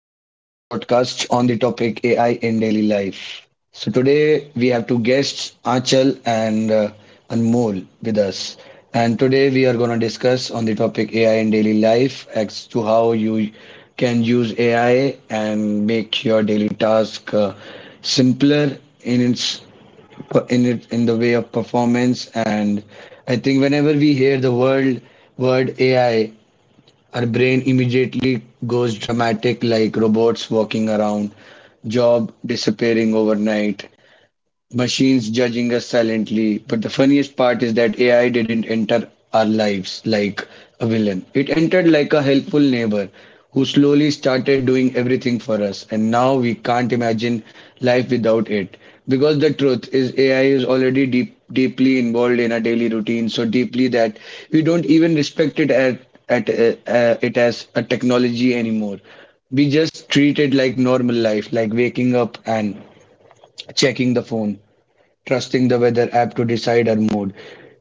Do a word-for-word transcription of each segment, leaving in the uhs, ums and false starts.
podcast on the topic A I in daily life. So, today we have two guests, Achal and uh, Anmol, with us. And today we are going to discuss on the topic A I in daily life as to how you can use A I and make your daily task uh, simpler in its in it in the way of performance. And I think whenever we hear the word word A I, our brain immediately goes dramatic, like robots walking around, job disappearing overnight. Machines judging us silently. But the funniest part is that A I didn't enter our lives like a villain. It entered like a helpful neighbor who slowly started doing everything for us. And now we can't imagine life without it. Because the truth is, A I is already deep, deeply involved in our daily routine, so deeply that we don't even respect it at, at uh, uh, it as a technology anymore. We just treat it like normal life, like waking up and checking the phone, trusting the weather app to decide our mood,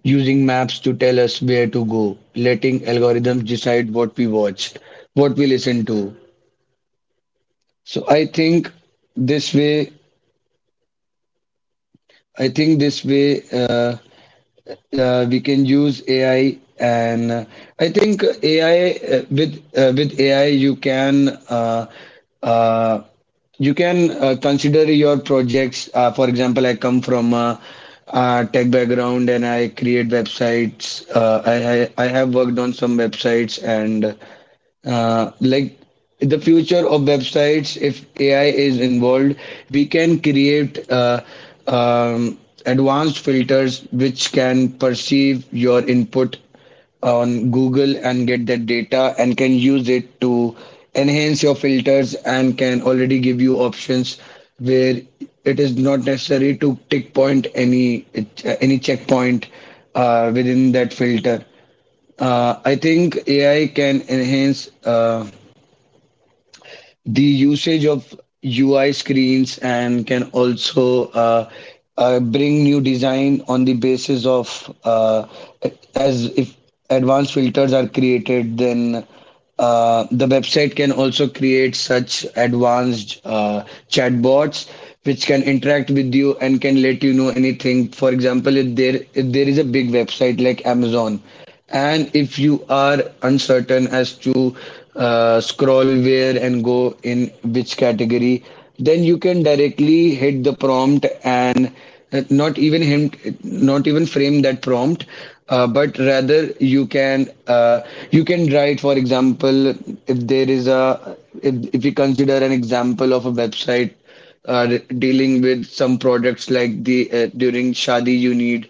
using maps to tell us where to go, letting algorithms decide what we watch, what we listen to. So I think this way, I think this way. Uh, uh, we can use A I, and uh, I think A I, uh, with uh, with A I you can, uh, uh, you can, uh, consider your projects. Uh, for example, I come from a, uh tech background and I create websites. Uh, I, I I have worked on some websites and uh, like the future of websites, if ai is involved, we can create uh, um, advanced filters which can perceive your input on google and get that data and can use it to enhance your filters and can already give you options where it is not necessary to tick point any any checkpoint uh, within that filter. uh, I think A I can enhance uh, the usage of U I screens and can also uh, uh, bring new design on the basis of, uh, as if advanced filters are created, then uh, the website can also create such advanced uh, chatbots which can interact with you and can let you know anything. For example, if there if there is a big website like Amazon, and if you are uncertain as to uh, scroll where and go in which category, then you can directly hit the prompt and, uh, not even him, not even frame that prompt, uh, but rather you can, uh, you can write, for example, if there is a if if we consider an example of a website uh, dealing with some products, like the, uh, during shadi you need,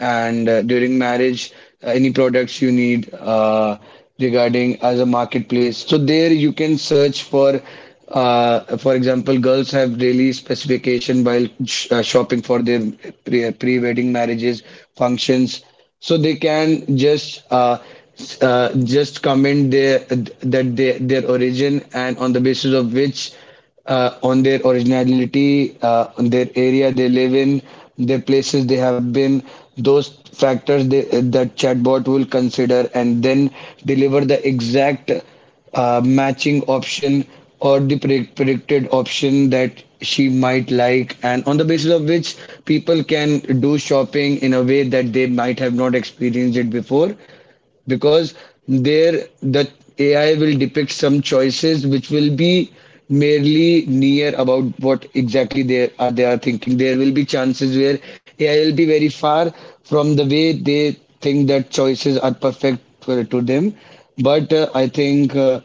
and uh, during marriage, uh, any products you need, uh, regarding as a marketplace. So there you can search for, uh, for example, girls have really specification while sh uh, shopping for their pre pre-wedding marriages functions. So they can just, uh, s- uh, just comment their that their their origin, and on the basis of which, uh, on their originality, uh, on their area they live in, their places they have been, those factors they, that chatbot will consider, and then deliver the exact uh, matching option or the pre predicted option that she might like, and on the basis of which people can do shopping in a way that they might have not experienced it before. Because there the A I will depict some choices which will be merely near about what exactly they are they are thinking. There will be chances where A I will be very far from the way they think that choices are perfect for, to them. But uh, I think uh,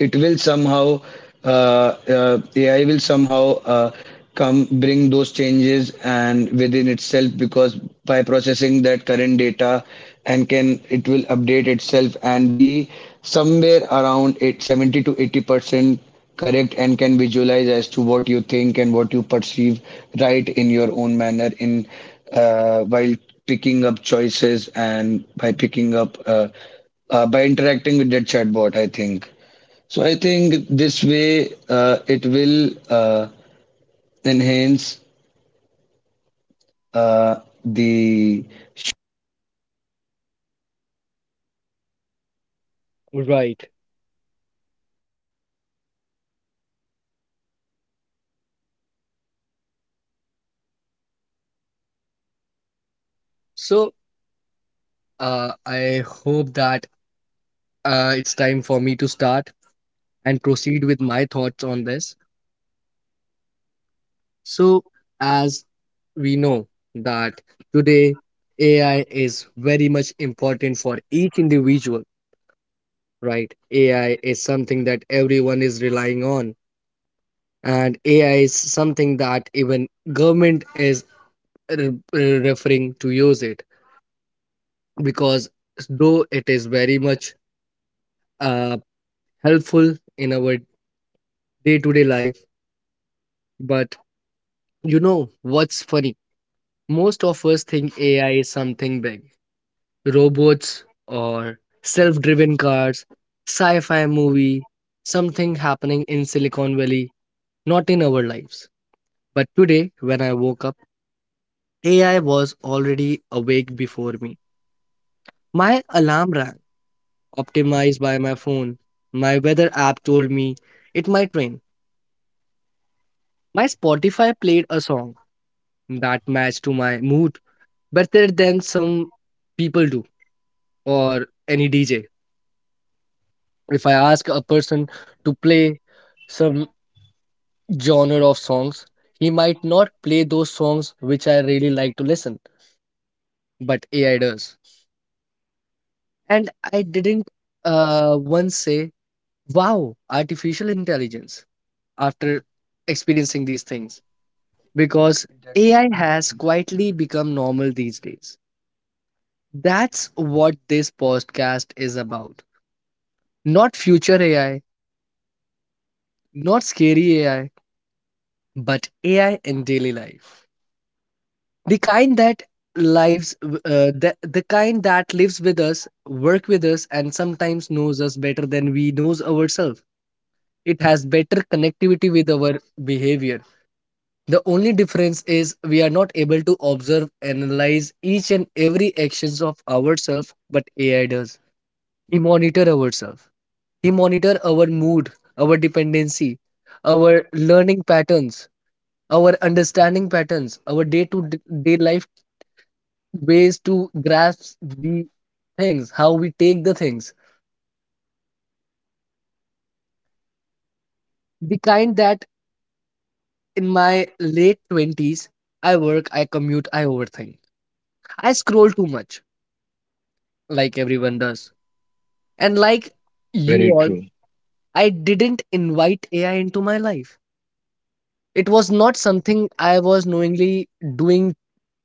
it will somehow, uh, uh, A I will somehow uh, come bring those changes and within itself, because by processing that current data, and can it will update itself and be somewhere around eight, seventy to eighty percent correct, and can visualize as to what you think and what you perceive right in your own manner in, uh, while picking up choices, and by picking up, uh, uh, by interacting with that chatbot, I think so I think this way, uh, it will uh, enhance uh, the. Right. So uh, I hope that uh, it's time for me to start and proceed with my thoughts on this. So, as we know that today A I is very much important for each individual, right? A I is something that everyone is relying on, and A I is something that even government is re- re- referring to use it because though it is very much uh, helpful in our day to day life. But you know what's funny? Most of us think A I is something big robots or self driven cars, sci fi movie, something happening in Silicon Valley, not in our lives. But today, when I woke up, A I was already awake before me. My alarm rang, optimized by my phone. My weather app told me it might rain. My Spotify played a song that matched to my mood, better than some people do or any D J. If I ask a person to play some genre of songs, he might not play those songs which I really like to listen, but A I does. And I didn't uh, once say, wow, artificial intelligence, after experiencing these things, because A I has quietly become normal these days. That's what this podcast is about. Not future A I, not scary A I, but A I in daily life. The kind that lives, w- uh, the, the kind that lives with us, work with us, and sometimes knows us better than we knows ourselves. It has better connectivity with our behavior. The only difference is we are not able to observe, analyze each and every actions of ourselves, but A I does. He monitor ourselves. He monitor our mood, our dependency, our learning patterns, our understanding patterns, our day to day life, ways to grasp the things, how we take the things. The kind that in my late twenties, I work, I commute, I overthink. I scroll too much, like everyone does. And like Very you true. all, I didn't invite A I into my life. It was not something I was knowingly doing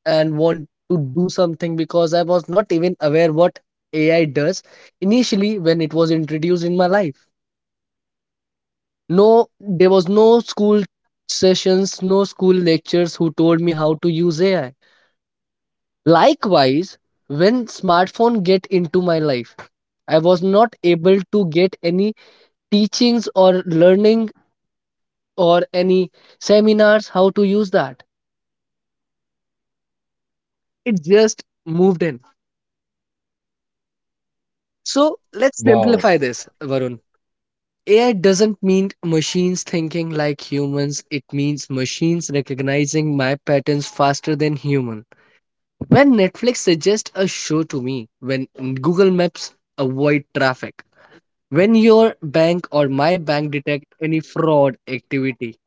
and want to do something, because I was not even aware what A I does initially when it was introduced in my life. No, there was no school sessions, no school lectures who told me how to use A I. Likewise, when smartphone get into my life, I was not able to get any teachings or learning or any seminars how to use that. It just moved in. So let's simplify this, Varun. A I doesn't mean machines thinking like humans. It means machines recognizing my patterns faster than human. When Netflix suggests a show to me, when Google Maps avoid traffic, when your bank or my bank detect any fraud activity,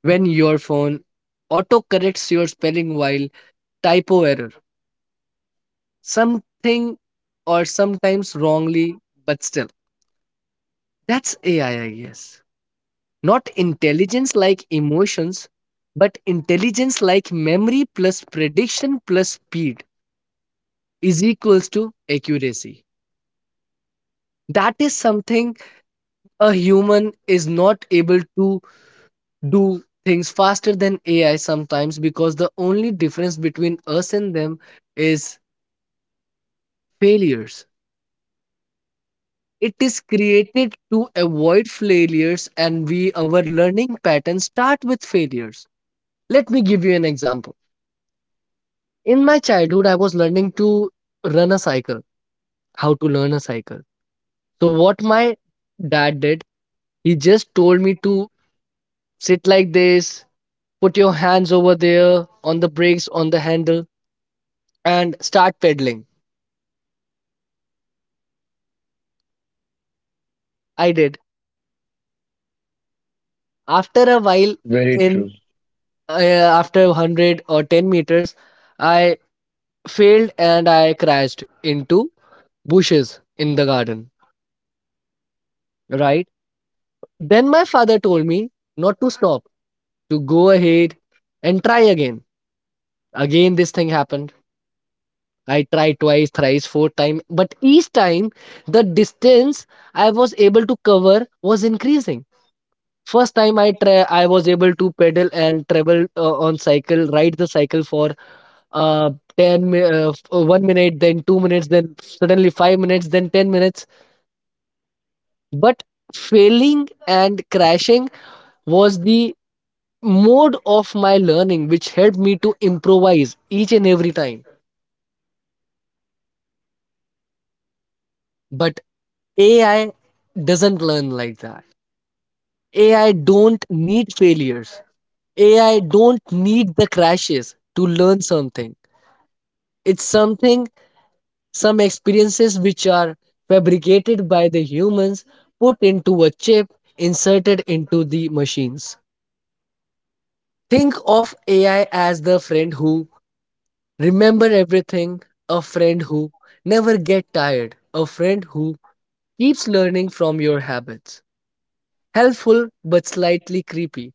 when your phone auto corrects your spelling while typo error, something or sometimes wrongly, but still. That's A I, I I guess. Not intelligence like emotions, but intelligence like memory plus prediction plus speed is equals to accuracy. That is something a human is not able to do, things faster than A I sometimes, because the only difference between us and them is failures. It is created to avoid failures, and we, our learning patterns start with failures. Let me give you an example. In my childhood I was learning to run a cycle, how to learn a cycle. So what my dad did, he just told me to sit like this, put your hands over there on the brakes on the handle and start pedaling. I did. After a while, Very true. in uh, after one hundred or ten meters, I failed and I crashed into bushes in the garden. Right? Then my father told me not to stop, to go ahead and try again. Again, this thing happened. I tried twice, thrice, four times, but each time the distance I was able to cover was increasing. First time, i tra- i was able to pedal and travel, uh, on cycle ride the cycle for uh ten mi- uh, f- uh, one minute, then two minutes, then suddenly five minutes, then ten minutes. But failing and crashing was the mode of my learning, which helped me to improvise each and every time. But AI doesn't learn like that. AI don't need failures. AI don't need the crashes to learn something. It's something, some experiences which are fabricated by the humans, put into a chip, inserted into the machines. Think of A I as the friend who remember everything, a friend who never get tired, a friend who keeps learning from your habits. Helpful but slightly creepy.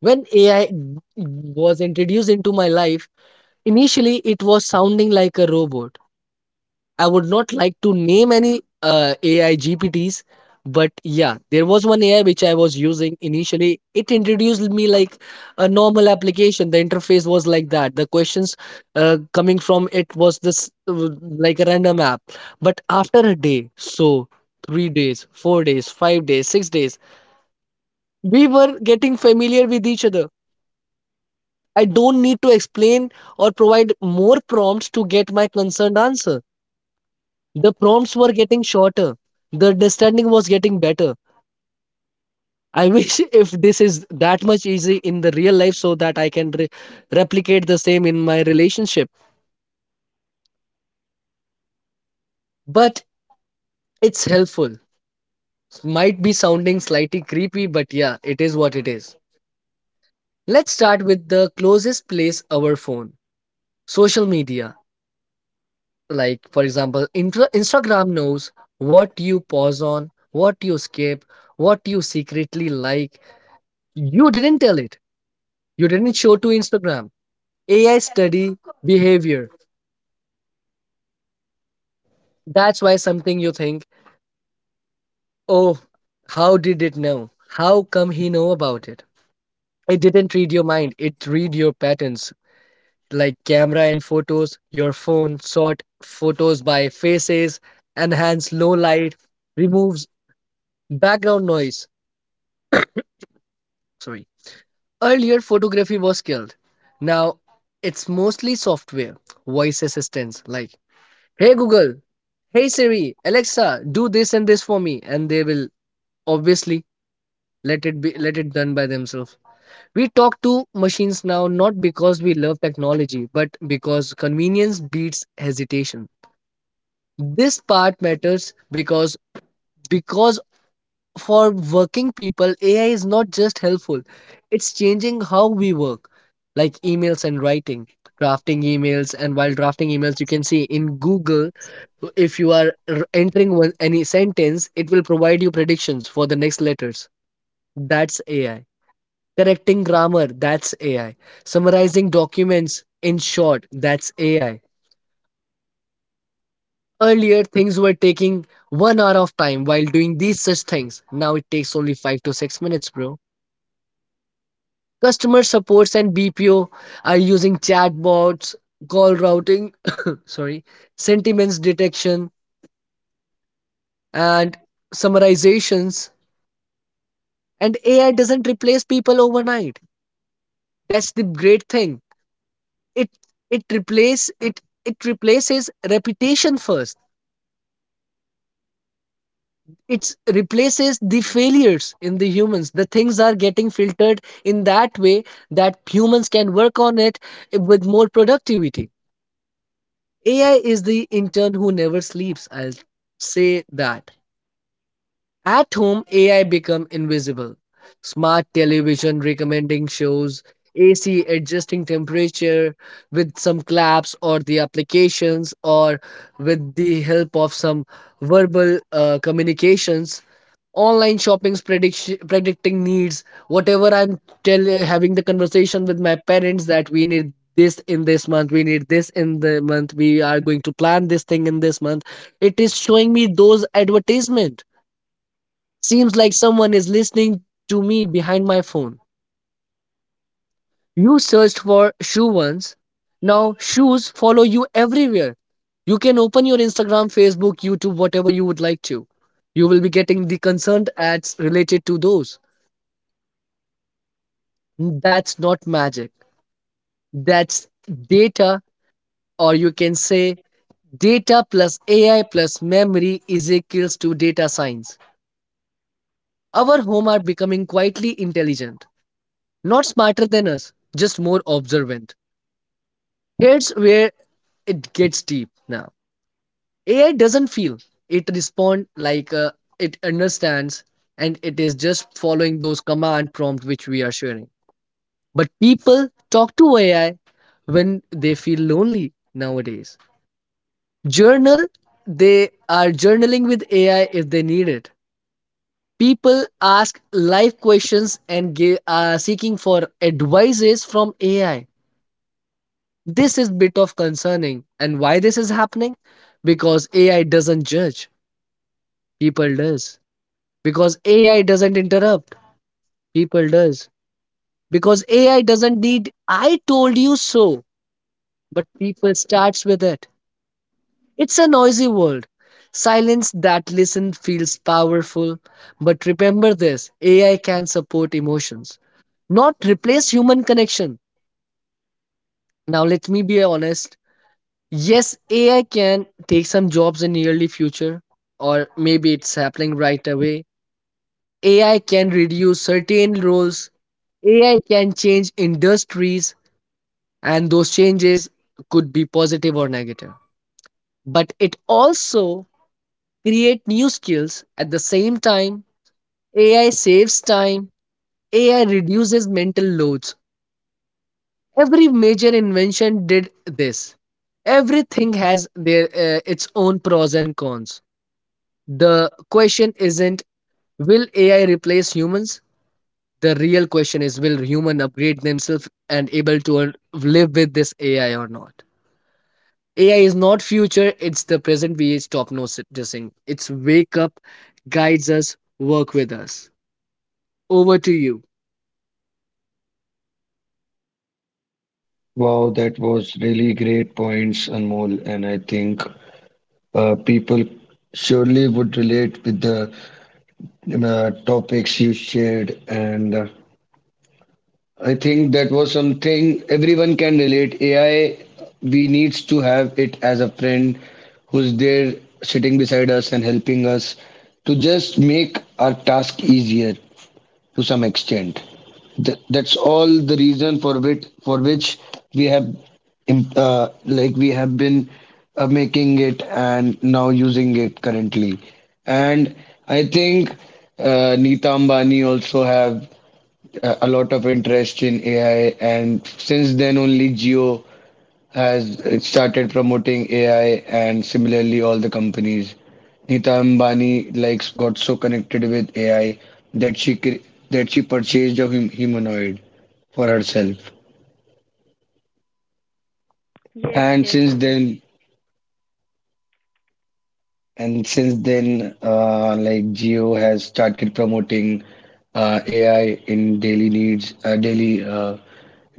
When A I was introduced into my life, initially it was sounding like a robot. I would not like to name any uh, A I G P Ts, but yeah, there was one A I which I was using initially. It introduced me like a normal application. The interface was like that. The questions uh, coming from it was this, uh, like a random app. But after a day, so three days, four days, five days, six days, we were getting familiar with each other. I don't need to explain or provide more prompts to get my concerned answer. The prompts were getting shorter. The understanding was getting better. I wish if this is that much easy in the real life, so that I can re- replicate the same in my relationship. But it's helpful. Might be sounding slightly creepy, but yeah, it is what it is. Let's start with the closest place, our phone. Social media. Like, for example, intra- Instagram knows what you pause on, what you skip, what you secretly like. You didn't tell it. You didn't show to Instagram. A I study behavior. That's why something you think, oh, how did it know? How come he know about it? It didn't read your mind. It read your patterns, like camera and photos. Your phone sort photos by faces, enhance low light, removes background noise. Sorry. Earlier photography was killed. Now it's mostly software. Voice assistants like, hey Google, hey Siri, Alexa, do this and this for me, and they will. Obviously, let it be let it done by themselves. We talk to machines now, not because we love technology, but because convenience beats hesitation. This part matters, because because for working people, A I is not just helpful. It's changing how we work, like emails and writing, drafting emails. And while drafting emails, you can see in Google, if you are r- entering one, any sentence, it will provide you predictions for the next letters. That's A I. Correcting grammar, that's A I. Summarizing documents in short, that's A I. Earlier, things were taking one hour of time while doing these such things. Now it takes only five to six minutes, bro. Customer supports and B P O are using chatbots, call routing, sorry, sentiments detection, and summarizations. And A I doesn't replace people overnight. That's the great thing. It it replace it it replaces reputation first. It replaces the failures in the humans. The things are getting filtered in that way, that humans can work on it with more productivity. AI is the intern who never sleeps, I'll say that. At home, A I become invisible. Smart television recommending shows, A C adjusting temperature with some claps or the applications, or with the help of some verbal uh, communications. Online shopping's prediction, predicting needs. Whatever I'm tell having the conversation with my parents, that we need this in this month, we need this in the month, we are going to plan this thing in this month, it is showing me those advertisement. Seems like someone is listening to me behind my phone. You searched for shoe once. Now shoes follow you everywhere. You can open your Instagram, Facebook, YouTube, whatever you would like to. You will be getting the concerned ads related to those. That's not magic. That's data. Or you can say, data plus A I plus memory is equals to data science. Our home are becoming quietly intelligent, not smarter than us, just more observant. Here's where it gets deep now. A I doesn't feel, it responds, like uh, it understands, and it is just following those command prompts which we are sharing. But people talk to A I when they feel lonely nowadays. Journal, they are journaling with A I if they need it. People ask life questions and give, uh, seeking for advices from A I. This is bit of concerning. And why this is happening? Because A I doesn't judge, people does. Because A I doesn't interrupt, people does. Because A I doesn't need I told you so, but people starts with it. It's a noisy world. Silence that listen feels powerful, but remember this, A I can support emotions, not replace human connection. Now let me be honest, yes, A I can take some jobs in nearly future, or maybe it's happening right away. A I can reduce certain roles. A I can change industries, and those changes could be positive or negative. But it also create new skills at the same time. A I saves time. A I reduces mental loads. Every major invention did this. Everything has their uh, its own pros and cons. The question isn't, will A I replace humans? The real question is: will human upgrade themselves and able to un- live with this A I or not? A I is not future, it's the present we stop noticing. It's wake up, guides us, work with us. Over to you. Wow, that was really great points, Anmol. And I think uh, people surely would relate with the uh, topics you shared. And uh, I think that was something everyone can relate. A I, we needs to have it as a friend who's there sitting beside us and helping us to just make our task easier to some extent. Th- that's all the reason for which for which we have, im- uh, like we have been, uh, making it and now using it currently. And I think uh, Neeta Ambani also have uh, a lot of interest in A I, and since then only Jio has uh, started promoting A I, and similarly all the companies. Nita Ambani like got so connected with A I that she cre- that she purchased a hum- humanoid for herself, and Yes, since yes, then. yes. And since then, uh, like Geo has started promoting uh, A I in daily needs, uh, daily uh,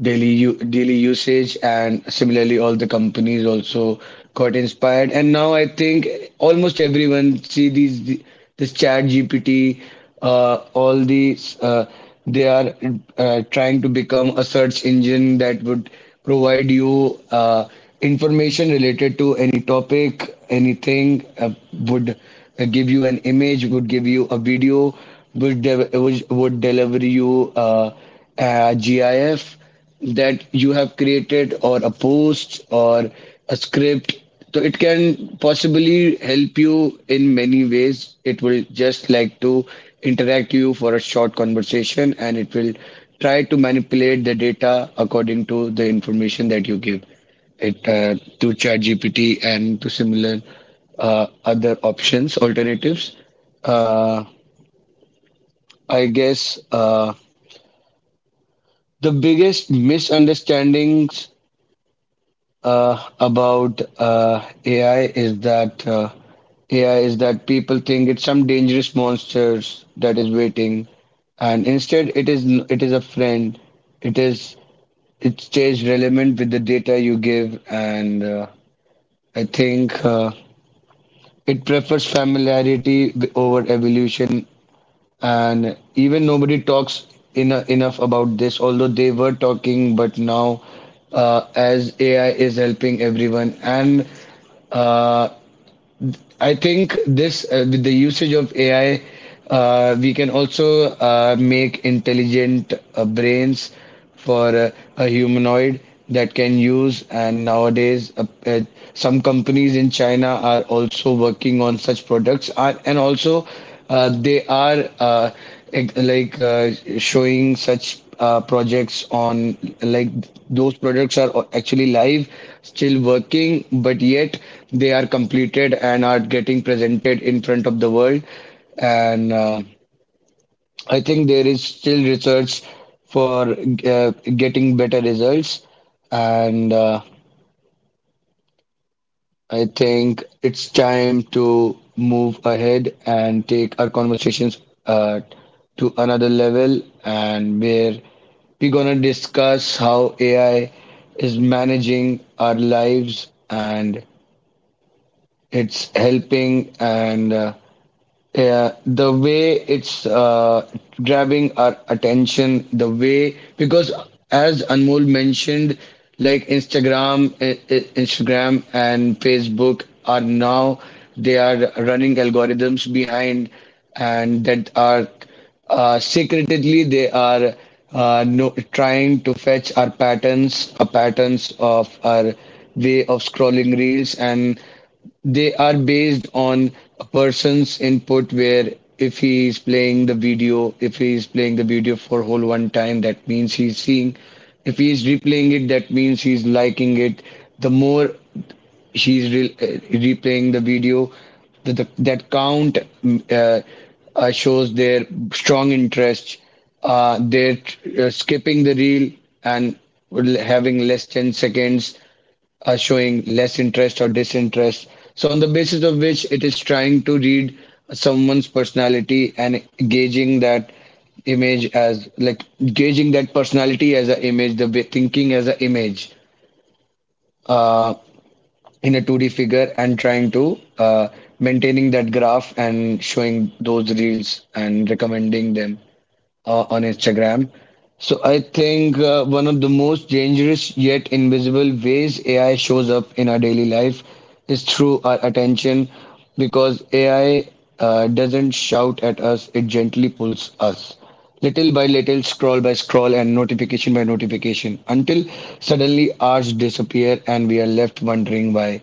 daily u daily usage, and similarly, all the companies also got inspired. And now I think almost everyone see these this Chat G P T. Uh, all these, uh, they are uh, trying to become a search engine that would provide you. Uh, information related to any topic, anything uh, would uh, give you an image, would give you a video, would de- would, would deliver you uh, a GIF that you have created, or a post, or a script. So it can possibly help you in many ways. It will just like to interact you for a short conversation, and it will try to manipulate the data according to the information that you give it, uh, to ChatGPT and to similar uh, other options, alternatives. Uh, I guess uh, the biggest misunderstandings uh, about uh, A I is that uh, A I is that people think it's some dangerous monsters that is waiting, and instead it is, n- it is a friend. It is it stays relevant with the data you give, and uh, I think. Uh, It prefers familiarity over evolution, and even nobody talks in enough about this. Although they were talking, but now, uh, as A I is helping everyone, and uh, I think this, uh, with the usage of A I, uh, we can also uh, make intelligent uh, brains for uh, a humanoid that can use. And nowadays, uh, uh, some companies in China are also working on such products, are, and also uh, they are, uh, ex- like uh, showing such uh, projects on, like, those products are actually live, still working, but yet they are completed and are getting presented in front of the world. And uh, I think there is still research for uh, getting better results. And uh, I think it's time to move ahead and take our conversations uh, to another level, and where we're gonna discuss how A I is managing our lives and it's helping. And uh, yeah, the way it's uh, grabbing our attention, the way, because as Anmol mentioned, like Instagram, I I- Instagram and Facebook are now, they are running algorithms behind, and that are uh, secretly, they are, uh, no, trying to fetch our patterns, our patterns of our way of scrolling reels. And they are based on a person's input, where if he is playing the video if he is playing the video for whole one time, that means he's seeing. If he is replaying it, that means he's liking it. The more he's re- uh, replaying the video, the, the, that count, mm, uh, uh, shows their strong interest. Uh, they're uh, skipping the reel and having less ten seconds are showing less interest or disinterest. So, on the basis of which it is trying to read someone's personality and gauging that image as like gauging that personality as an image, the way- thinking as an image uh, in a two D figure, and trying to, uh, maintaining that graph and showing those reels and recommending them uh, on Instagram. So I think uh, one of the most dangerous yet invisible ways A I shows up in our daily life is through our attention, because A I uh, doesn't shout at us, it gently pulls us. Little by little, scroll by scroll, and notification by notification, until suddenly hours disappear and we are left wondering why,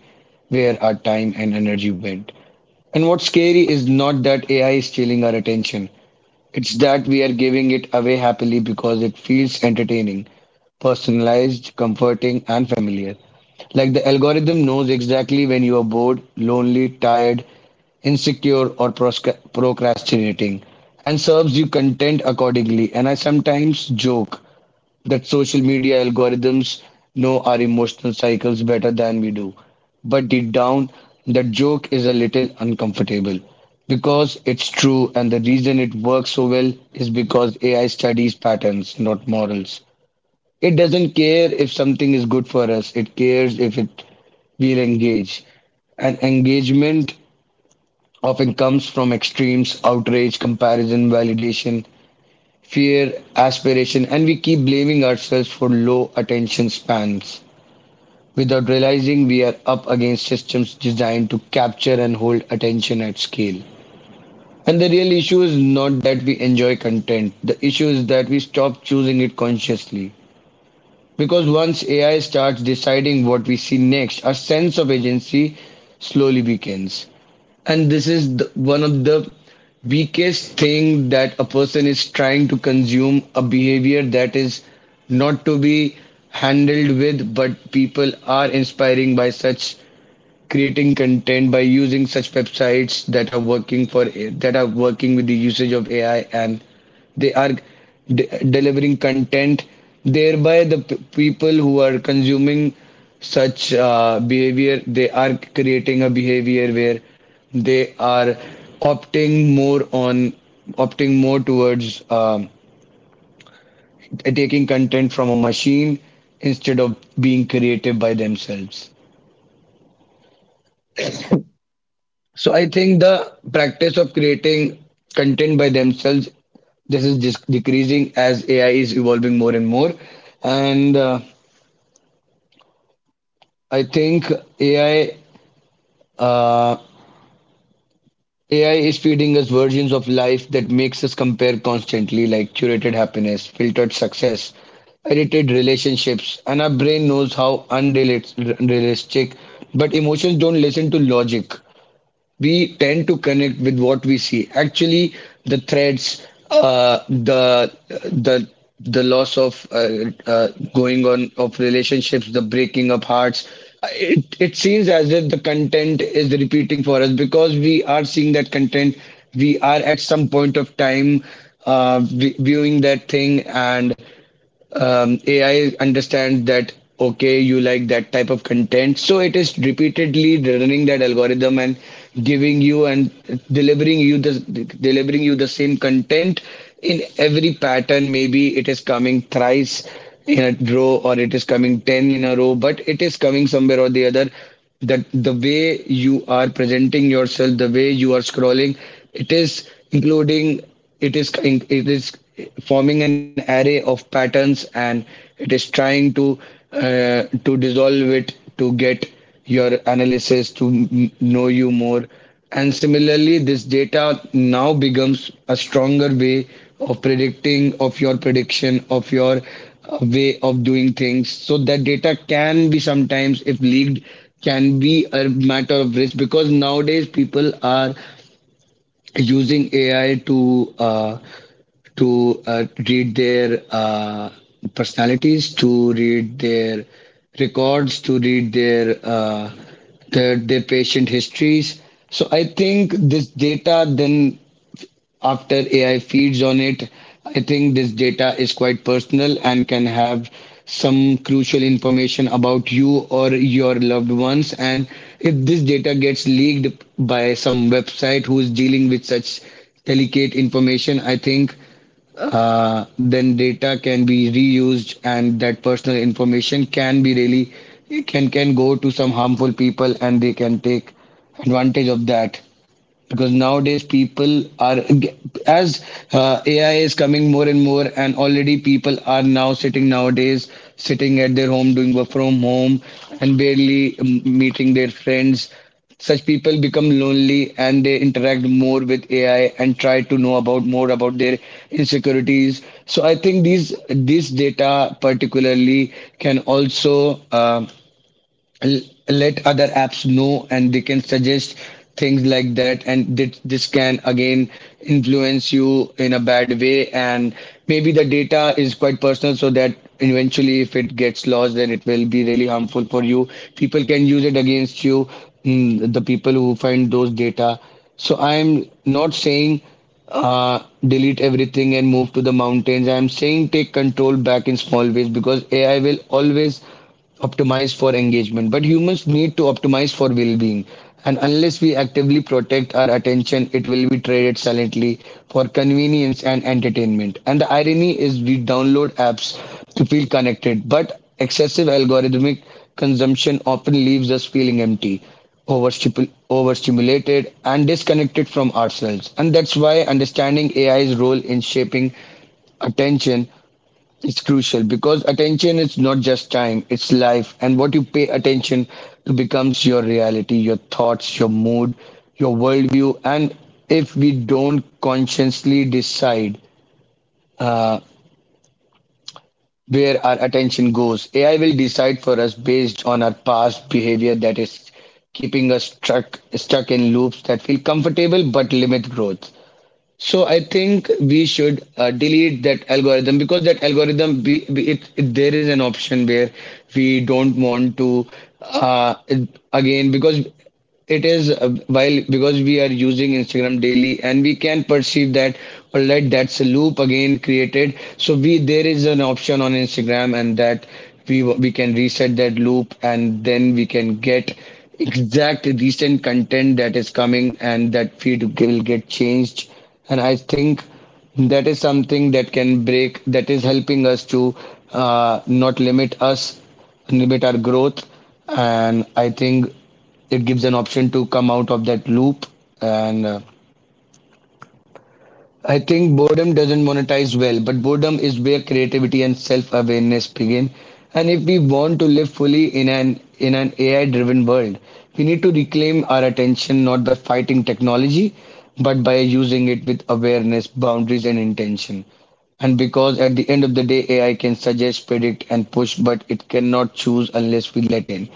where our time and energy went. And what's scary is not that A I is stealing our attention, it's that we are giving it away happily, because it feels entertaining, personalized, comforting, and familiar. Like, the algorithm knows exactly when you are bored, lonely, tired, insecure, or prosca- procrastinating, and serves you content accordingly. And I sometimes joke that social media algorithms know our emotional cycles better than we do. But deep down, that joke is a little uncomfortable because it's true, and the reason it works so well is because A I studies patterns, not morals. It doesn't care if something is good for us, it cares if it will engage. And engagement often comes from extremes, outrage, comparison, validation, fear, aspiration, and we keep blaming ourselves for low attention spans without realizing we are up against systems designed to capture and hold attention at scale. And the real issue is not that we enjoy content, the issue is that we stop choosing it consciously. Because once A I starts deciding what we see next, our sense of agency slowly weakens. And this is the, one of the weakest thing that a person is trying to consume a behavior that is not to be handled with, but people are inspiring by such creating content by using such websites that are working for that are working with the usage of A I and they are de- delivering content thereby the p- people who are consuming such uh, behavior they are creating a behavior where they are opting more on opting more towards um, taking content from a machine instead of being creative by themselves. So I think the practice of creating content by themselves, this is just decreasing as A I is evolving more and more. And uh, I think A I, uh, A I is feeding us versions of life that makes us compare constantly, like curated happiness, filtered success, edited relationships, and our brain knows how unrealistic. But emotions don't listen to logic. We tend to connect with what we see. Actually, the threats, uh, the the the loss of uh, uh, going on of relationships, the breaking up hearts. It it seems as if the content is repeating for us because we are seeing that content. We are at some point of time uh, vi- viewing that thing, and um, A I understands that okay, you like that type of content, so it is repeatedly running that algorithm and giving you and delivering you the delivering you the same content in every pattern. Maybe it is coming thrice in a row, or it is coming ten in a row, but it is coming somewhere or the other that the way you are presenting yourself, the way you are scrolling, it is including it is it is forming an array of patterns, and it is trying to uh, to dissolve it to get your analysis to m- know you more. And similarly, this data now becomes a stronger way of predicting, of your prediction, of your uh, way of doing things. So that data can be sometimes, if leaked, can be a matter of risk because nowadays people are using A I to uh, to uh, read their uh, personalities, to read their records, to read their uh, their, their patient histories. So I think this data then after A I feeds on it. I think this data is quite personal and can have some crucial information about you or your loved ones. And if this data gets leaked by some website who is dealing with such delicate information, I think uh, then data can be reused and that personal information can be really can can go to some harmful people and they can take advantage of that because nowadays people are, as uh, AI is coming more and more, and already people are now sitting nowadays sitting at their home doing work from home and barely um, meeting their friends. Such people become lonely and they interact more with AI and try to know about more about their insecurities. So I think these this data particularly can also, um l- let other apps know and they can suggest things like that, and th- this can again influence you in a bad way. And maybe the data is quite personal, so that eventually if it gets lost, then it will be really harmful for you. People can use it against you, mm, the people who find those data. So I'm not saying uh, delete everything and move to the mountains. I'm saying take control back in small ways because A I will always optimize for engagement, but humans need to optimize for well being. And unless we actively protect our attention, it will be traded silently for convenience and entertainment. And the irony is, we download apps to feel connected, but excessive algorithmic consumption often leaves us feeling empty, overstipu- overstimulated, and disconnected from ourselves. And that's why understanding A I's role in shaping attention, it's crucial because attention is not just time, it's life. And what you pay attention to becomes your reality, your thoughts, your mood, your worldview. And if we don't consciously decide uh, where our attention goes, A I will decide for us based on our past behavior that is keeping us stuck, stuck in loops that feel comfortable but limit growth. So I think we should uh, delete that algorithm because that algorithm, be, be- it, it there is an option where we don't want to, uh, again because it is uh, while because we are using Instagram daily and we can perceive that alright, that's a loop again created. So we, there is an option on Instagram and that we we can reset that loop and then we can get exact recent content that is coming and that feed will get changed. And I think that is something that can break, that is helping us to uh, not limit us limit our growth. And I think it gives an option to come out of that loop. And uh, I think boredom doesn't monetize well, but boredom is where creativity and self awareness begin. And if we want to live fully in an in an A I driven world, we need to reclaim our attention not by fighting technology, but by using it with awareness, boundaries, and intention. And because at the end of the day, A I can suggest, predict, and push, but it cannot choose unless we let in.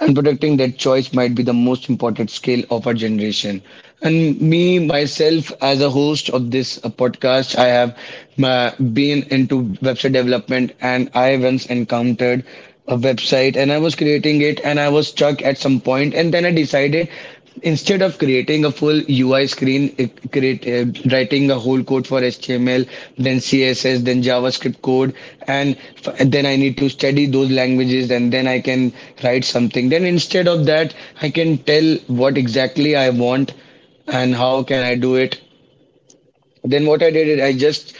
And protecting that choice might be the most important skill of our generation. And me, myself, as a host of this uh, podcast, I have uh, been into website development and I once encountered a website and I was creating it and I was stuck at some point, and then I decided, instead of creating a full U I screen, it create uh, writing a whole code for H T M L, then C S S, then JavaScript code, and, f- and then I need to study those languages, and then I can write something. Then instead of that, I can tell what exactly I want and how can I do it. Then what I did is I just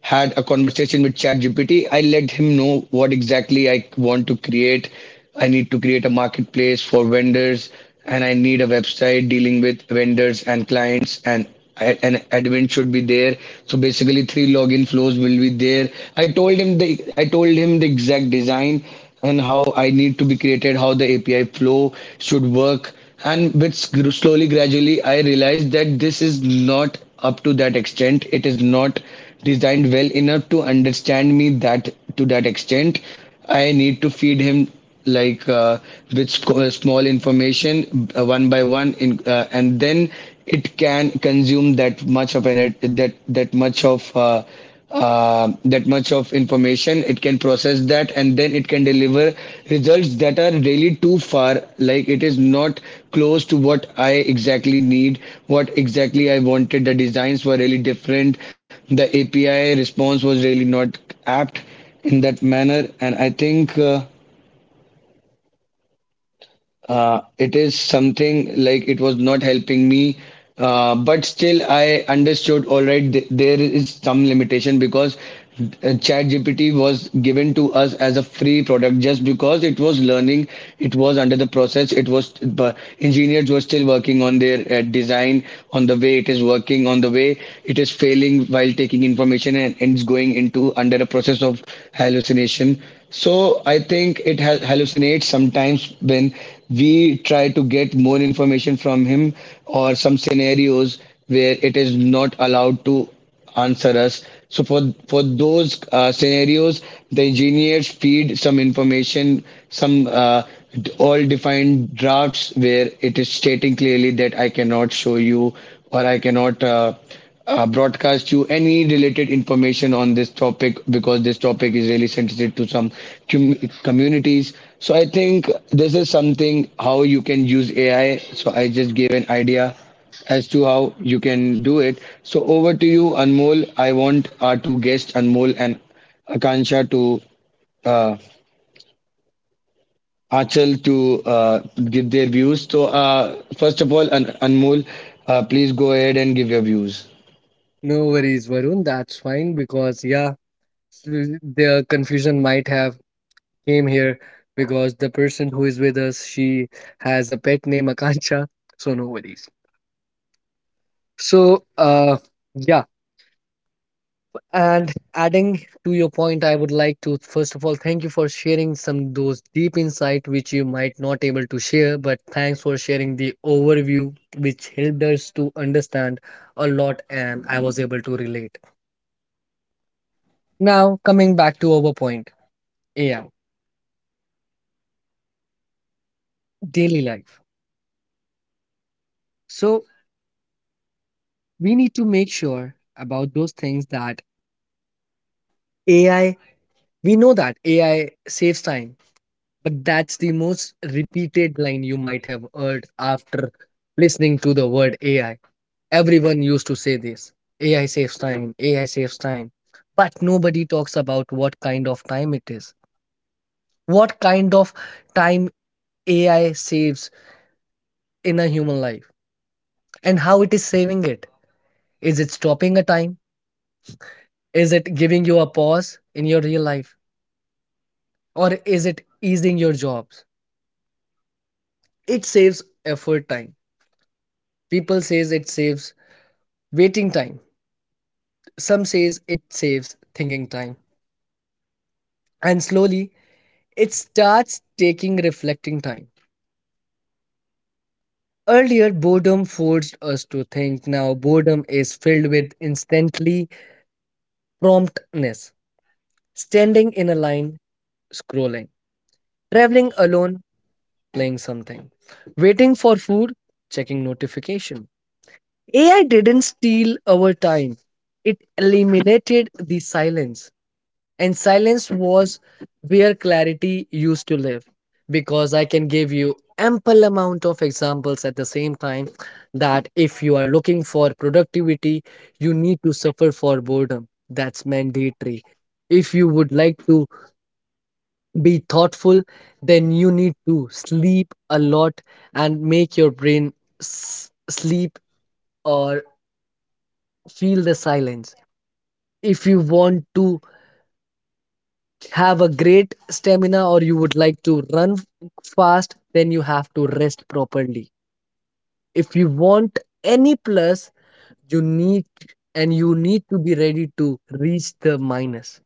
had a conversation with ChatGPT. I let him know what exactly I want to create. I need to create a marketplace for vendors, and I need a website dealing with vendors and clients, and an admin should be there. So basically, three login flows will be there. I told him the I told him the exact design and how I need to be created, how the A P I flow should work. And with sc- slowly, gradually, I realized that this is not up to that extent. It is not designed well enough to understand me that to that extent. I need to feed him, like uh, with uh, small information uh, one by one, in uh, and then it can consume that much of an that that much of uh, uh, that much of information. It can process that and then it can deliver results that are really too far, like it is not close to what I exactly need, what exactly I wanted. The designs were really different, the API response was really not apt in that manner. And I think uh, uh, it is something like it was not helping me. Uh, but still I understood, All right, th there is some limitation because uh, ChatGPT was given to us as a free product just because it was learning, it was under the process, it was, but engineers were still working on their uh, design, on the way it is working, on the way it is failing while taking information. And, and it's going into under a process of hallucination. So I think it ha hallucinates sometimes when we try to get more information from him or some scenarios where it is not allowed to answer us. So for for those uh, scenarios, the engineers feed some information, some uh, d- all defined drafts where it is stating clearly that I cannot show you or I cannot, Uh, uh, broadcast you any related information on this topic because this topic is really sensitive to some com- communities. So I think this is something how you can use A I. So I just gave an idea as to how you can do it. So over to you, Anmol. I want our two guests, Anmol and Akansha, to uh, Achal, to uh, give their views. So uh, first of all, An- Anmol, uh, please go ahead and give your views. No worries, Varun. That's fine. Because yeah, s- the confusion might have came here because the person who is with us, she has a pet name Akansha. So no worries. So, uh, yeah, and adding to your point, I would like to first of all thank you for sharing some those deep insight which you might not able to share, but thanks for sharing the overview which helped us to understand a lot, and I was able to relate. Now, coming back to our point: A I, daily life. So, we need to make sure about those things, that A I, we know that A I saves time. But that's the most repeated line you might have heard after listening to the word A I. Everyone used to say this: A I saves time, A I saves time. But nobody talks about what kind of time it is, what kind of time A I saves in a human life, and how it is saving it. Is it stopping a time? Is it giving you a pause in your real life? Or is it easing your jobs? It saves effort time. People says it saves waiting time. Some says it saves thinking time, and slowly it starts taking reflecting time. Earlier, boredom forced us to think. Now, boredom is filled with instantly promptness. Standing in a line, scrolling, traveling alone, playing something, waiting for food, checking notification. A I didn't steal our time; it eliminated the silence. And silence was where clarity used to live, because I can give you ample amount of examples at the same time that if you are looking for productivity, you need to suffer for boredom. That's mandatory. If you would like to be thoughtful, then you need to sleep a lot and make your brain s- sleep, or feel the silence. If you want to have a great stamina or you would like to run fast, then you have to rest properly. If you want any plus, you need and you need to be ready to reach the minus.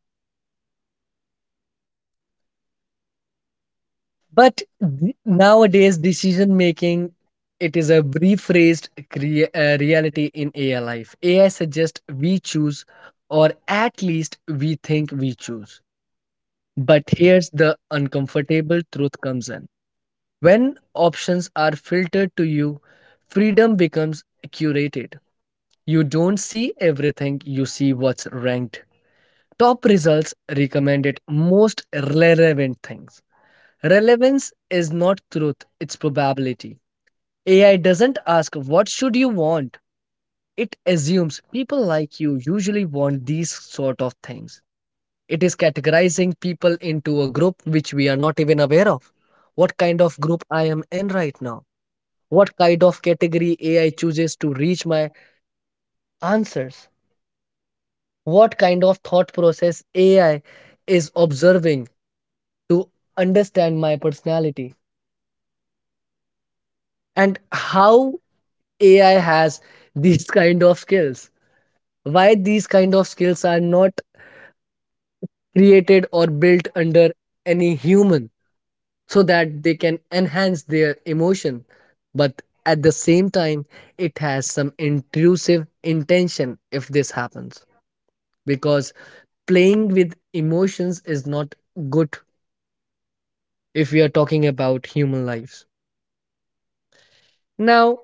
But th- nowadays, decision making, it is a rephrased crea- uh, reality in A I life. A I suggests we choose, or at least we think we choose. But here's the uncomfortable truth comes in. When options are filtered to you, freedom becomes curated. You don't see everything, you see what's ranked. Top results, recommended, most relevant things. Relevance is not truth, it's probability. A I doesn't ask what should you want. It assumes people like you usually want these sort of things. It is categorizing people into a group which we are not even aware of. What kind of group I am in right now? What kind of category A I chooses to reach my answers, what kind of thought process A I is observing to understand my personality, and how A I has these kind of skills, why these kind of skills are not created or built under any human so that they can enhance their emotion, but at the same time it has some intrusive intention if this happens, because playing with emotions is not good if we are talking about human lives. Now,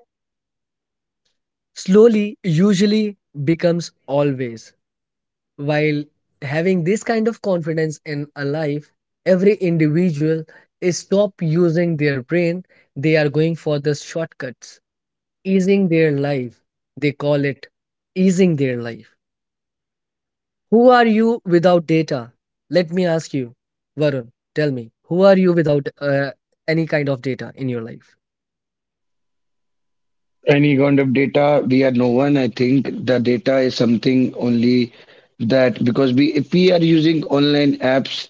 slowly usually becomes always. While having this kind of confidence in a life, every individual is stop using their brain. They are going for the shortcuts, easing their life. They call it easing their life. Who are you without data? Let me ask you, Varun, tell me, who are you without uh, any kind of data in your life? Any kind of data, we are no one. I think the data is something only that because we, if we are using online apps,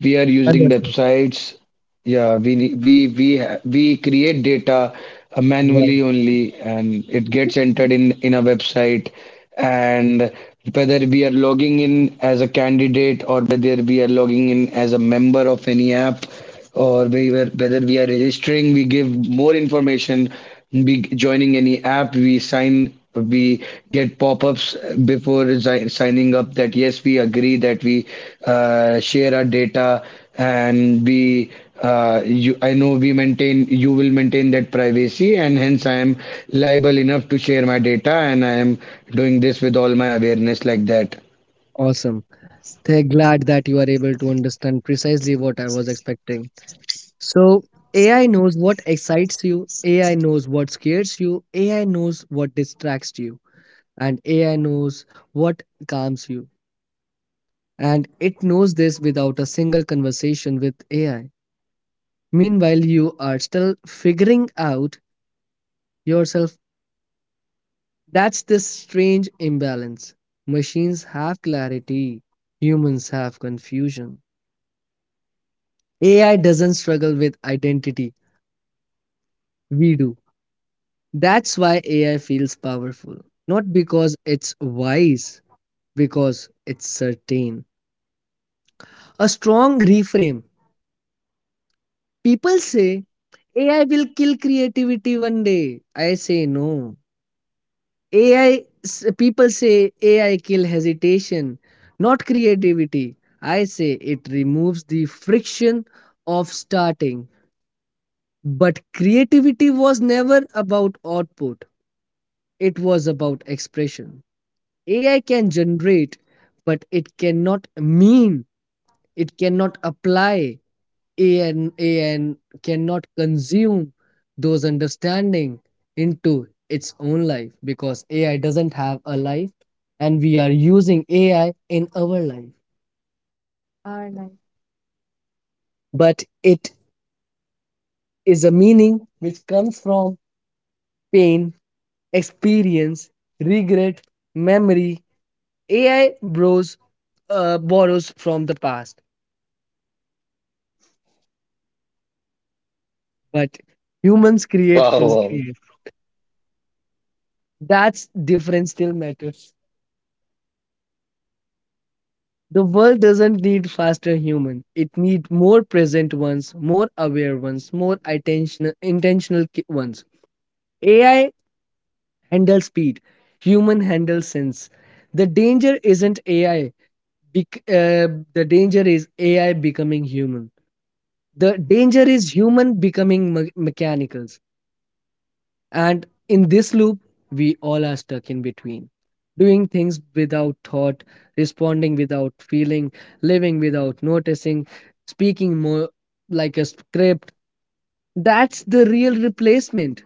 we are using Understood. websites, yeah, we ne- we we ha- we create data uh, Right. manually only, and it gets entered in in a website. And whether we are logging in as a candidate or whether we are logging in as a member of any app, or we were, whether we are registering, we give more information. We joining any app, we sign we get pop-ups before si- signing up that yes we agree that we uh, share our data and we uh, you I know we maintain you will maintain that privacy, and hence I am liable enough to share my data and I am doing this with all my awareness like that. Awesome. They're glad that you are able to understand precisely what I was expecting. So, A I knows what excites you, A I knows what scares you, A I knows what distracts you, and A I knows what calms you. And it knows this without a single conversation with A I. Meanwhile, you are still figuring out yourself. That's this strange imbalance. Machines have clarity, humans have confusion. A I doesn't struggle with identity, we do. That's why A I feels powerful. Not because it's wise, because it's certain. A strong reframe. People say A I will kill creativity one day. I say no. A I, people say A I kill hesitation, not creativity. I say it removes the friction of starting. But creativity was never about output. It was about expression. A I can generate, but it cannot mean, it cannot apply, an an cannot consume those understanding into its own life, because AI doesn't have a life and we are using AI in our life. Our life. But it is a meaning which comes from pain, experience, regret, memory. A I borrows, uh, borrows from the past, but humans create Wow, from wow. present. That's difference still matters. The world doesn't need faster human. It needs more present ones, more aware ones, more attention, intentional ki- ones. A I handles speed. Human handles sense. The danger isn't A I. bec- uh, the danger is A I becoming human. The danger is human becoming me- mechanical. And in this loop, we all are stuck in between, doing things without thought, responding without feeling, living without noticing, speaking more like a script. That's the real replacement.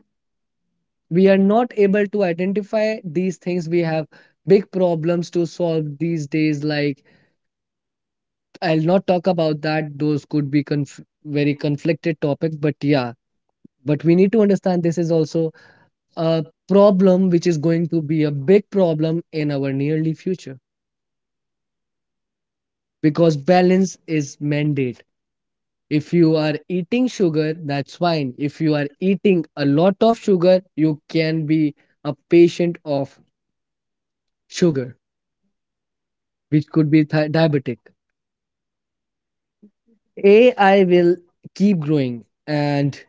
We are not able to identify these things. We have big problems to solve these days. Like, I'll not talk about that. Those could be conf- very conflicted topics, but yeah. But we need to understand this is also a problem which is going to be a big problem in our nearly future, because balance is mandate. If you are eating sugar, that's fine. If you are eating a lot of sugar, you can be a patient of sugar, which could be thi- diabetic. AI will keep growing, and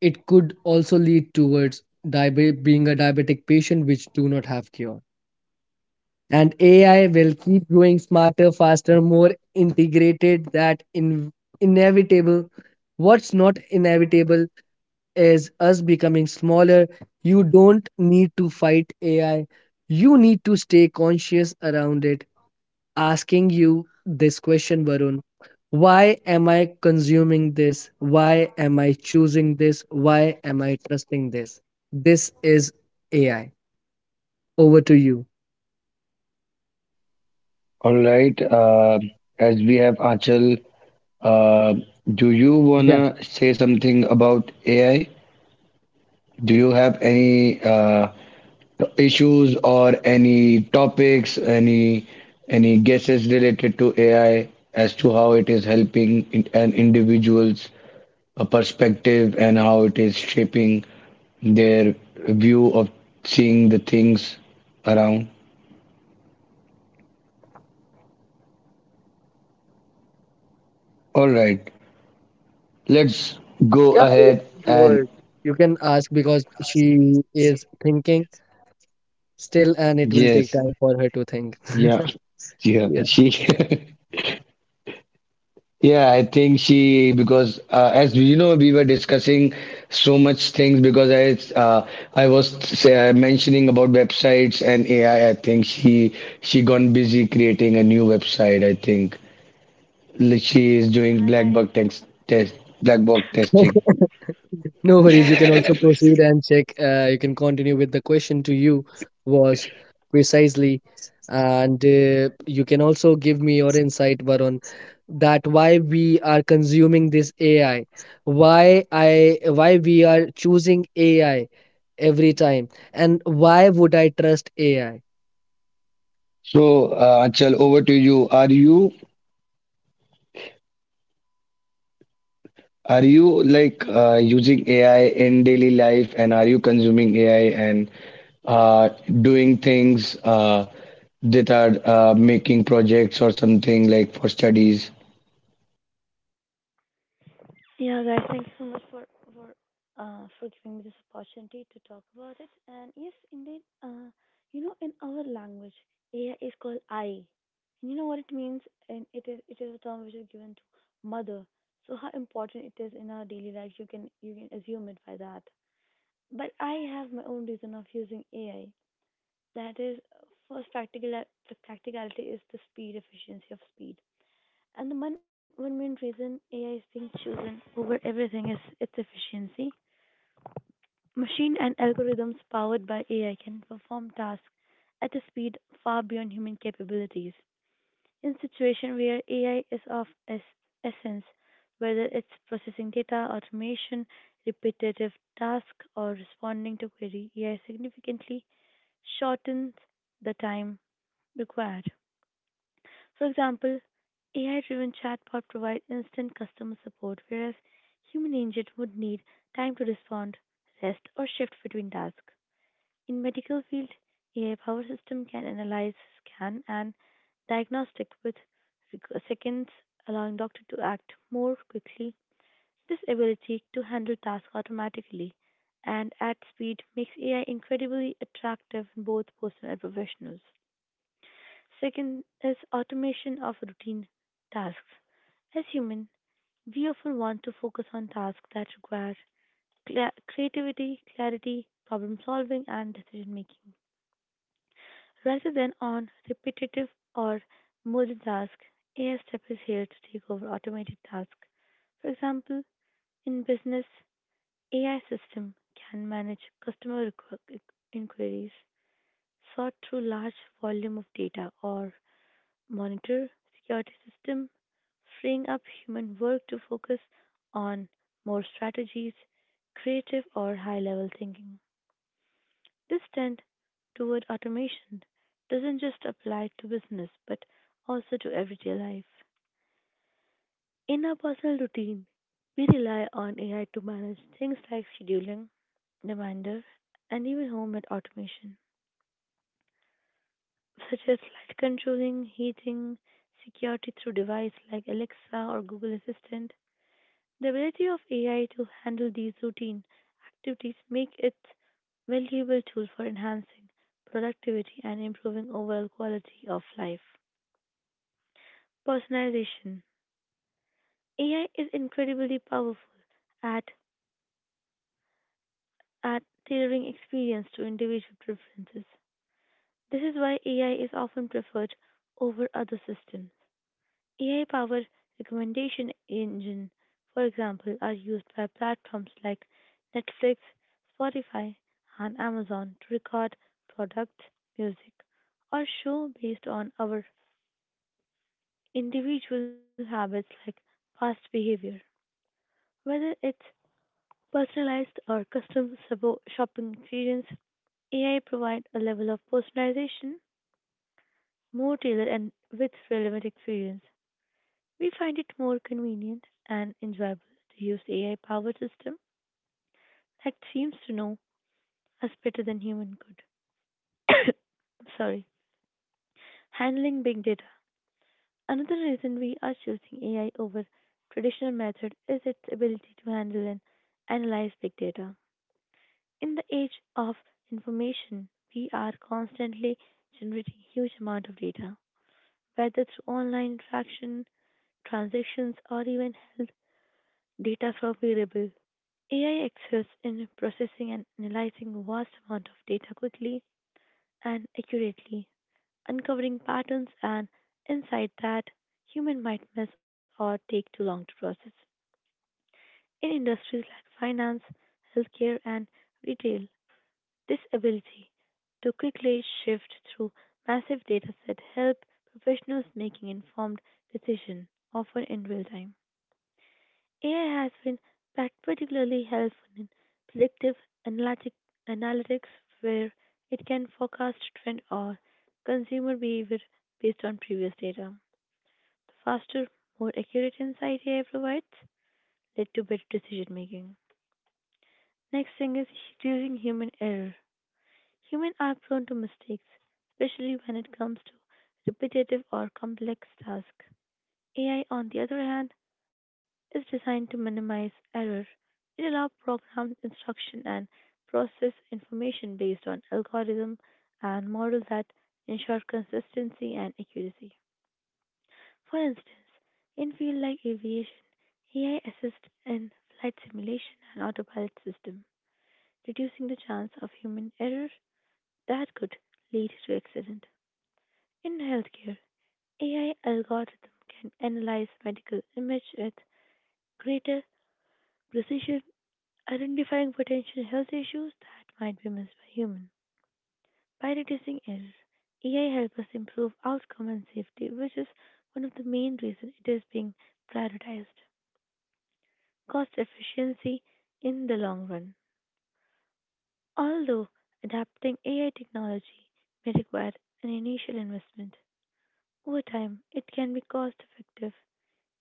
it could also lead towards diabe- being a diabetic patient, which do not have cure. And A I will keep growing smarter, faster, more integrated. That in inevitable. What's not inevitable is us becoming smaller. You don't need to fight A I. You need to stay conscious around it. Asking you this question, Varun. Why am I consuming this? Why am I choosing this? Why am I trusting this? This is A I. Over to you. All right, uh, as we have Achal, uh, do you wanna say something about AI? Do you have any uh, issues or any topics, any any guesses related to A I as to how it is helping in an individual's uh, perspective and how it is shaping their view of seeing the things around? All right, let's go Yeah, ahead and sure. You can ask, because she is thinking still, and it will take yes, time for her to think. yeah, yeah, Yeah. she. Yeah, I think she because uh, as you know we were discussing so much things because I uh, I was say, uh, mentioning about websites and A I. I I think she she gone busy creating a new website. I think like, she is doing Hi black box guys. text test, black box testing. No Yeah, worries. You can hi guys. also proceed and check. Uh, you can continue. With the question to you was precisely, and uh, you can also give me your insight, Varun, that why we are consuming this A I, why I, why we are choosing A I every time, and why would I trust A I? So uh, Achal, over to you. Are you Are you like Y- uh, using A I in daily life and are you consuming A I and uh, doing things uh, that are uh, making projects or something like for studies? Yeah, guys. Thank you so much for for uh for giving me this opportunity to talk about it. And yes, indeed. Uh, you know, in our language, A I is called I. And you know what it means, and it is it is a term which is given to mother. So how important it is in our daily life, you can you can assume it by that. But I have my own reason of using A I. That is, uh, first practical practicality is the speed, efficiency of speed. And the one, one main reason A I is being chosen over everything is its efficiency. Machine and algorithms powered by A I can perform tasks at a speed far beyond human capabilities. In situation where A I is of es- essence, whether it's processing data, automation, repetitive tasks, or responding to query, A I significantly shortens the time required. For example, A I driven chatbot provide instant customer support, whereas human agent would need time to respond, rest, or shift between tasks. In medical field, A I powered system can analyze, scan, and diagnostic with reg- seconds, allowing doctor to act more quickly. This ability to handle tasks automatically and at speed makes A I incredibly attractive in both personal and professionals. Second is automation of routine tasks. As human, we often want to focus on tasks that require cla creativity, clarity, problem solving, and decision making, rather than on repetitive or mundane tasks. A I Step is here to take over automated tasks. For example, in business, A I system can manage customer requ- inquiries, sort through large volume of data, or monitor security system, freeing up human work to focus on more strategies, creative or high level thinking. This trend toward automation doesn't just apply to business but also to everyday life. In our personal routine, we rely on A I to manage things like scheduling, reminder, and even home and automation, such as light controlling, heating, security through device like Alexa or Google Assistant. The ability of A I to handle these routine activities make it valuable tool for enhancing productivity and improving overall quality of life. Personalization. A I is incredibly powerful at at tailoring experience to individual preferences. This is why A I is often preferred over other systems. A I powered recommendation engine, for example, are used by platforms like Netflix, Spotify, and Amazon to record products, music, or show based on our individual habits like past behavior. Whether it's personalized or custom sabo- shopping experience, A I provides a level of personalization more tailored and with relevant experience. We find it more convenient and enjoyable to use A I powered system that seems to know us better than human could. I'm sorry. Handling big data. Another reason we are choosing A I over traditional method is its ability to handle and analyze big data. In the age of information, we are constantly generating huge amount of data, whether through online interaction, transactions, or even health data from wearable. A I excels in processing and analyzing vast amount of data quickly and accurately, uncovering patterns and insight that human might miss or take too long to process. In industries like finance, healthcare, and retail, this ability to quickly shift through massive data set help professionals making informed decision often in real time. A I has been particularly helpful in predictive analytic, analytics, where it can forecast trend or consumer behavior based on previous data. The faster, more accurate insight A I provides led to better decision making. Next thing is reducing human error. Humans are prone to mistakes, especially when it comes to repetitive or complex tasks. A I, on the other hand, is designed to minimize error. It allows programmed instruction and process information based on algorithm and models that ensure consistency and accuracy. For instance, in fields like aviation, A I assists in flight simulation and autopilot system, reducing the chance of human error that could lead to accident. In healthcare, A I algorithm can analyze medical image with greater precision, identifying potential health issues that might be missed by human. By reducing error, A I helps us improve outcome and safety, which is one of the main reasons it is being prioritized. Cost efficiency in the long run. Although adapting A I technology may require an initial investment, over time it can be cost effective.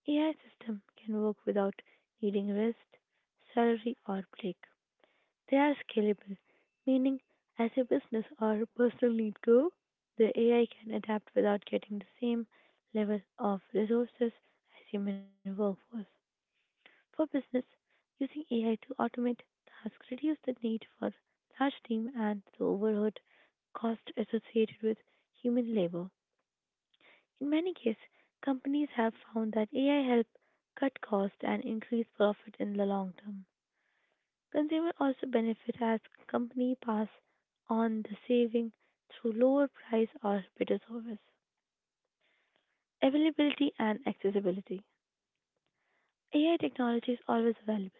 A I system can work without needing rest, salary or break. They are scalable, meaning as your business or personal needs grow, the A I can adapt without getting the same level of resources as human workforce. For business, using A I to automate tasks reduces the need for large team and the overhead cost associated with human labor. In many cases, companies have found that A I help cut costs and increase profit in the long term. Consumer also benefit as company pass on the saving through lower price or better service. Availability and accessibility. A I technology is always available.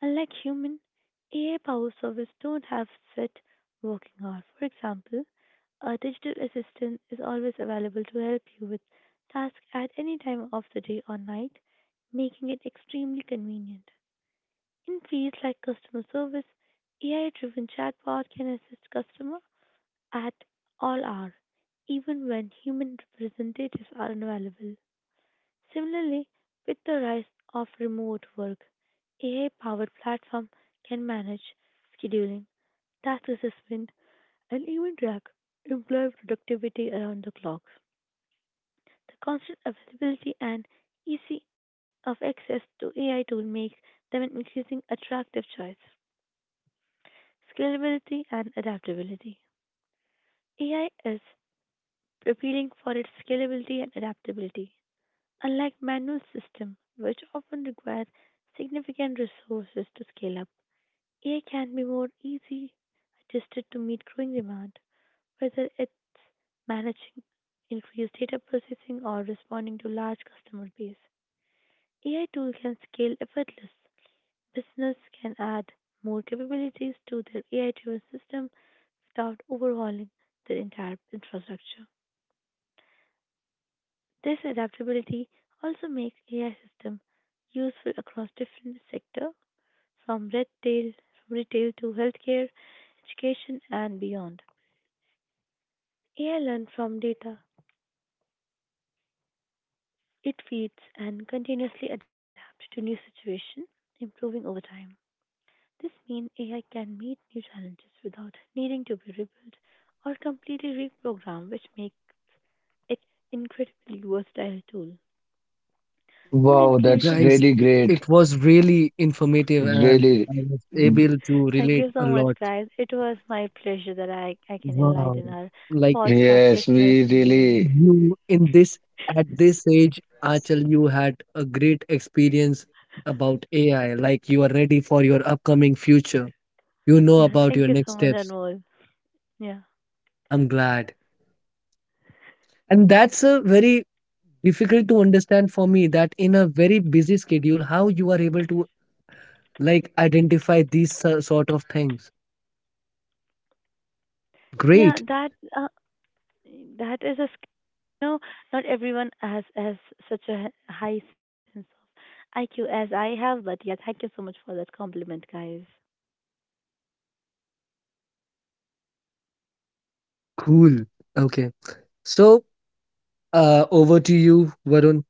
Unlike human, A I powered service don't have set working hours. For example, a digital assistant is always available to help you with tasks at any time of the day or night, making it extremely convenient. In fields like customer service, A I-driven chatbot can assist customer at all hours, even when human representatives are unavailable. Similarly, with the rise of remote work, A I-powered platform can manage scheduling, task assessment, and even track employee productivity around the clock. The constant availability and easy of access to A I tool make them an increasingly attractive choice. Scalability and adaptability. A I is appealing for its scalability and adaptability. Unlike manual systems, which often require significant resources to scale up, A I can be more easily adjusted to meet growing demand, whether it's managing increased data processing or responding to large customer base. A I tools can scale effortlessly. Business can add more capabilities to their A I driven system without overhauling their entire infrastructure. This adaptability also makes A I systems useful across different sectors from retail, from retail to healthcare, education, and beyond. A I learns from data it feeds and continuously adapts to new situations, improving over time. This means A I can meet new challenges without needing to be rebuilt or completely reprogrammed, which makes it incredibly versatile tool. In Wow, that's conclusion, Guys, really great. it was really informative and Really, I was able to thank relate you a so much, lot. guys. It was my pleasure that I, I can Wow. enlighten our Like podcast yes, listeners we and you. really. you in this, at this age, Achal, you had a great experience about A I. Like you are ready for your upcoming future. You know Yeah, Yeah, about thank your you next so much, steps. Anmol. Yeah, I'm glad. And that's a very difficult to understand for me, that in a very busy schedule, how you are able to like identify these uh, sort of things. yeah, Great. that uh, that is a sk- you know, not everyone has has such a high sense of I Q as I have, but yeah, thank you so much for that compliment, guys. Cool. Okay. So, uh, over to you, Varun.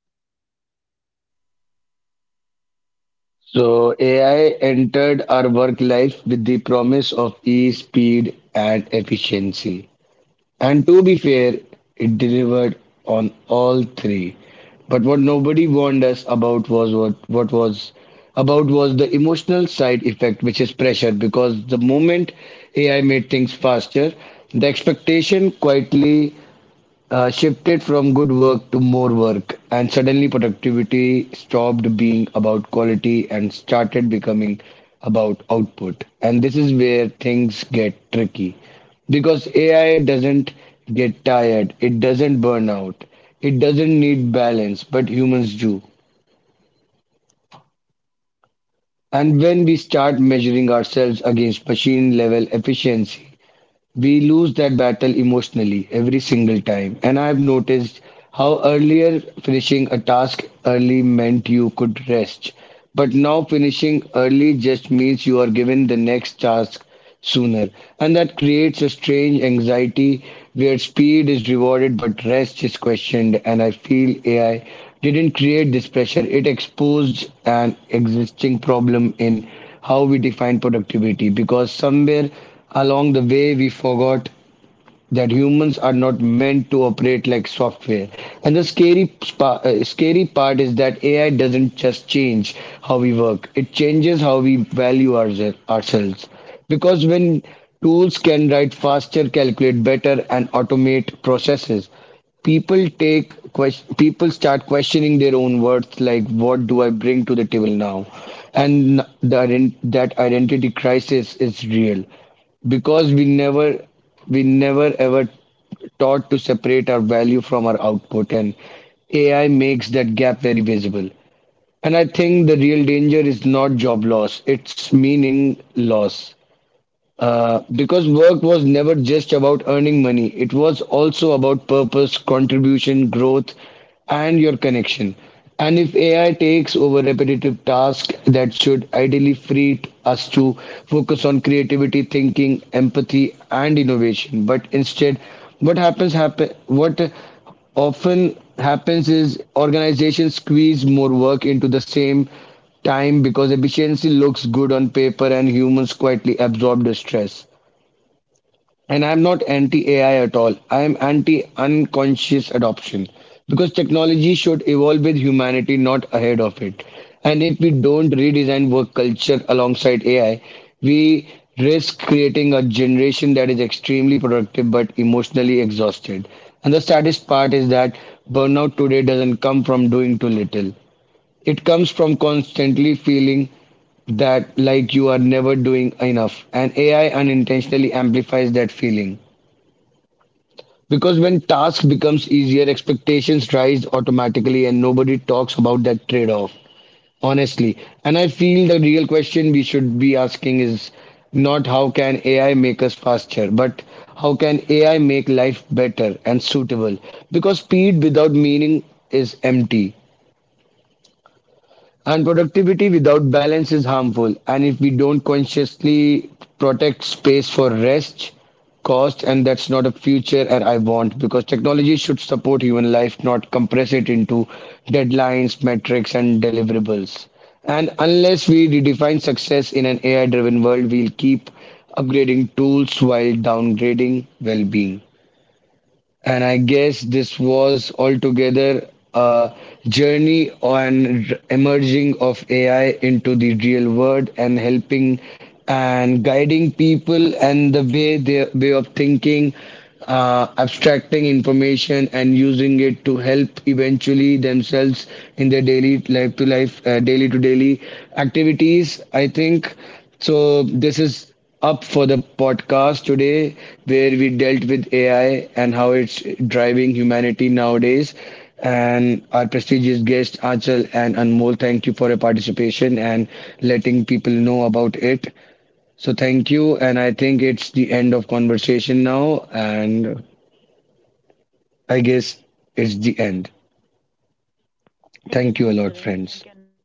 So A I entered our work life with the promise of ease, speed, and efficiency. And to be fair, it delivered on all three. But what nobody warned us about was what, what was about was the emotional side effect, which is pressure, because the moment A I made things faster, the expectation quietly uh, shifted from good work to more work, and suddenly productivity stopped being about quality and started becoming about output. And this is where things get tricky because A I doesn't get tired, it doesn't burn out, it doesn't need balance, but humans do. And when we start measuring ourselves against machine level efficiency, we lose that battle emotionally every single time. And I've noticed how earlier finishing a task early meant you could rest, but now finishing early just means you are given the next task sooner. And that creates a strange anxiety where speed is rewarded but rest is questioned. And I feel A I didn't create this pressure, it exposed an existing problem in how we define productivity, because somewhere along the way we forgot that humans are not meant to operate like software. And the scary spa- uh, scary part is that A I doesn't just change how we work; it changes how we value ourse- ourselves. Because when tools can write faster, calculate better, and automate processes, people take ques- people start questioning their own worth, like what do I bring to the table now? And the ident- that identity crisis is real because we never we never ever taught to separate our value from our output, and AI makes that gap very visible. And I think the real danger is not job loss, it's meaning loss, uh, because work was never just about earning money, it was also about purpose, contribution, growth, and your connection. And if A I takes over repetitive tasks, that should ideally free t- us to focus on creativity, thinking, empathy, and innovation, but instead, what happens happen what often happens is organizations squeeze more work into the same time because efficiency looks good on paper and humans quietly absorb the stress. And I'm not anti A I at all. I'm anti unconscious adoption because technology should evolve with humanity, not ahead of it. And if we don't redesign work culture alongside A I, we risk creating a generation that is extremely productive but emotionally exhausted. And the saddest part is that burnout today doesn't come from doing too little. It comes from constantly feeling that like you are never doing enough, and AI unintentionally amplifies that feeling because when task becomes easier, expectations rise automatically and nobody talks about that trade off honestly. And I feel the real question we should be asking is not how can AI make us faster, but how can AI make life better and suitable? Because speed without meaning is empty. And productivity without balance is harmful. And if we don't consciously protect space for rest, cost, and that's not a future that I want because technology should support human life, not compress it into deadlines, metrics, and deliverables. And unless we redefine success in an A I driven world, we'll keep upgrading tools while downgrading well being. And I guess this was altogether a journey on r- emerging of A I into the real world and helping and guiding people and the way their way of thinking, uh, abstracting information and using it to help eventually themselves in their daily life to life, uh, daily to daily activities. I think so. This is up for the podcast today, where we dealt with A I and how it's driving humanity nowadays. And our prestigious guest Achal and Anmol, thank you for your participation and letting people know about it. So thank you, and I think it's the end of conversation now, and I guess it's the end. Thank you so Thank you much, a lot, Viral. Thank friends. you, Anmol.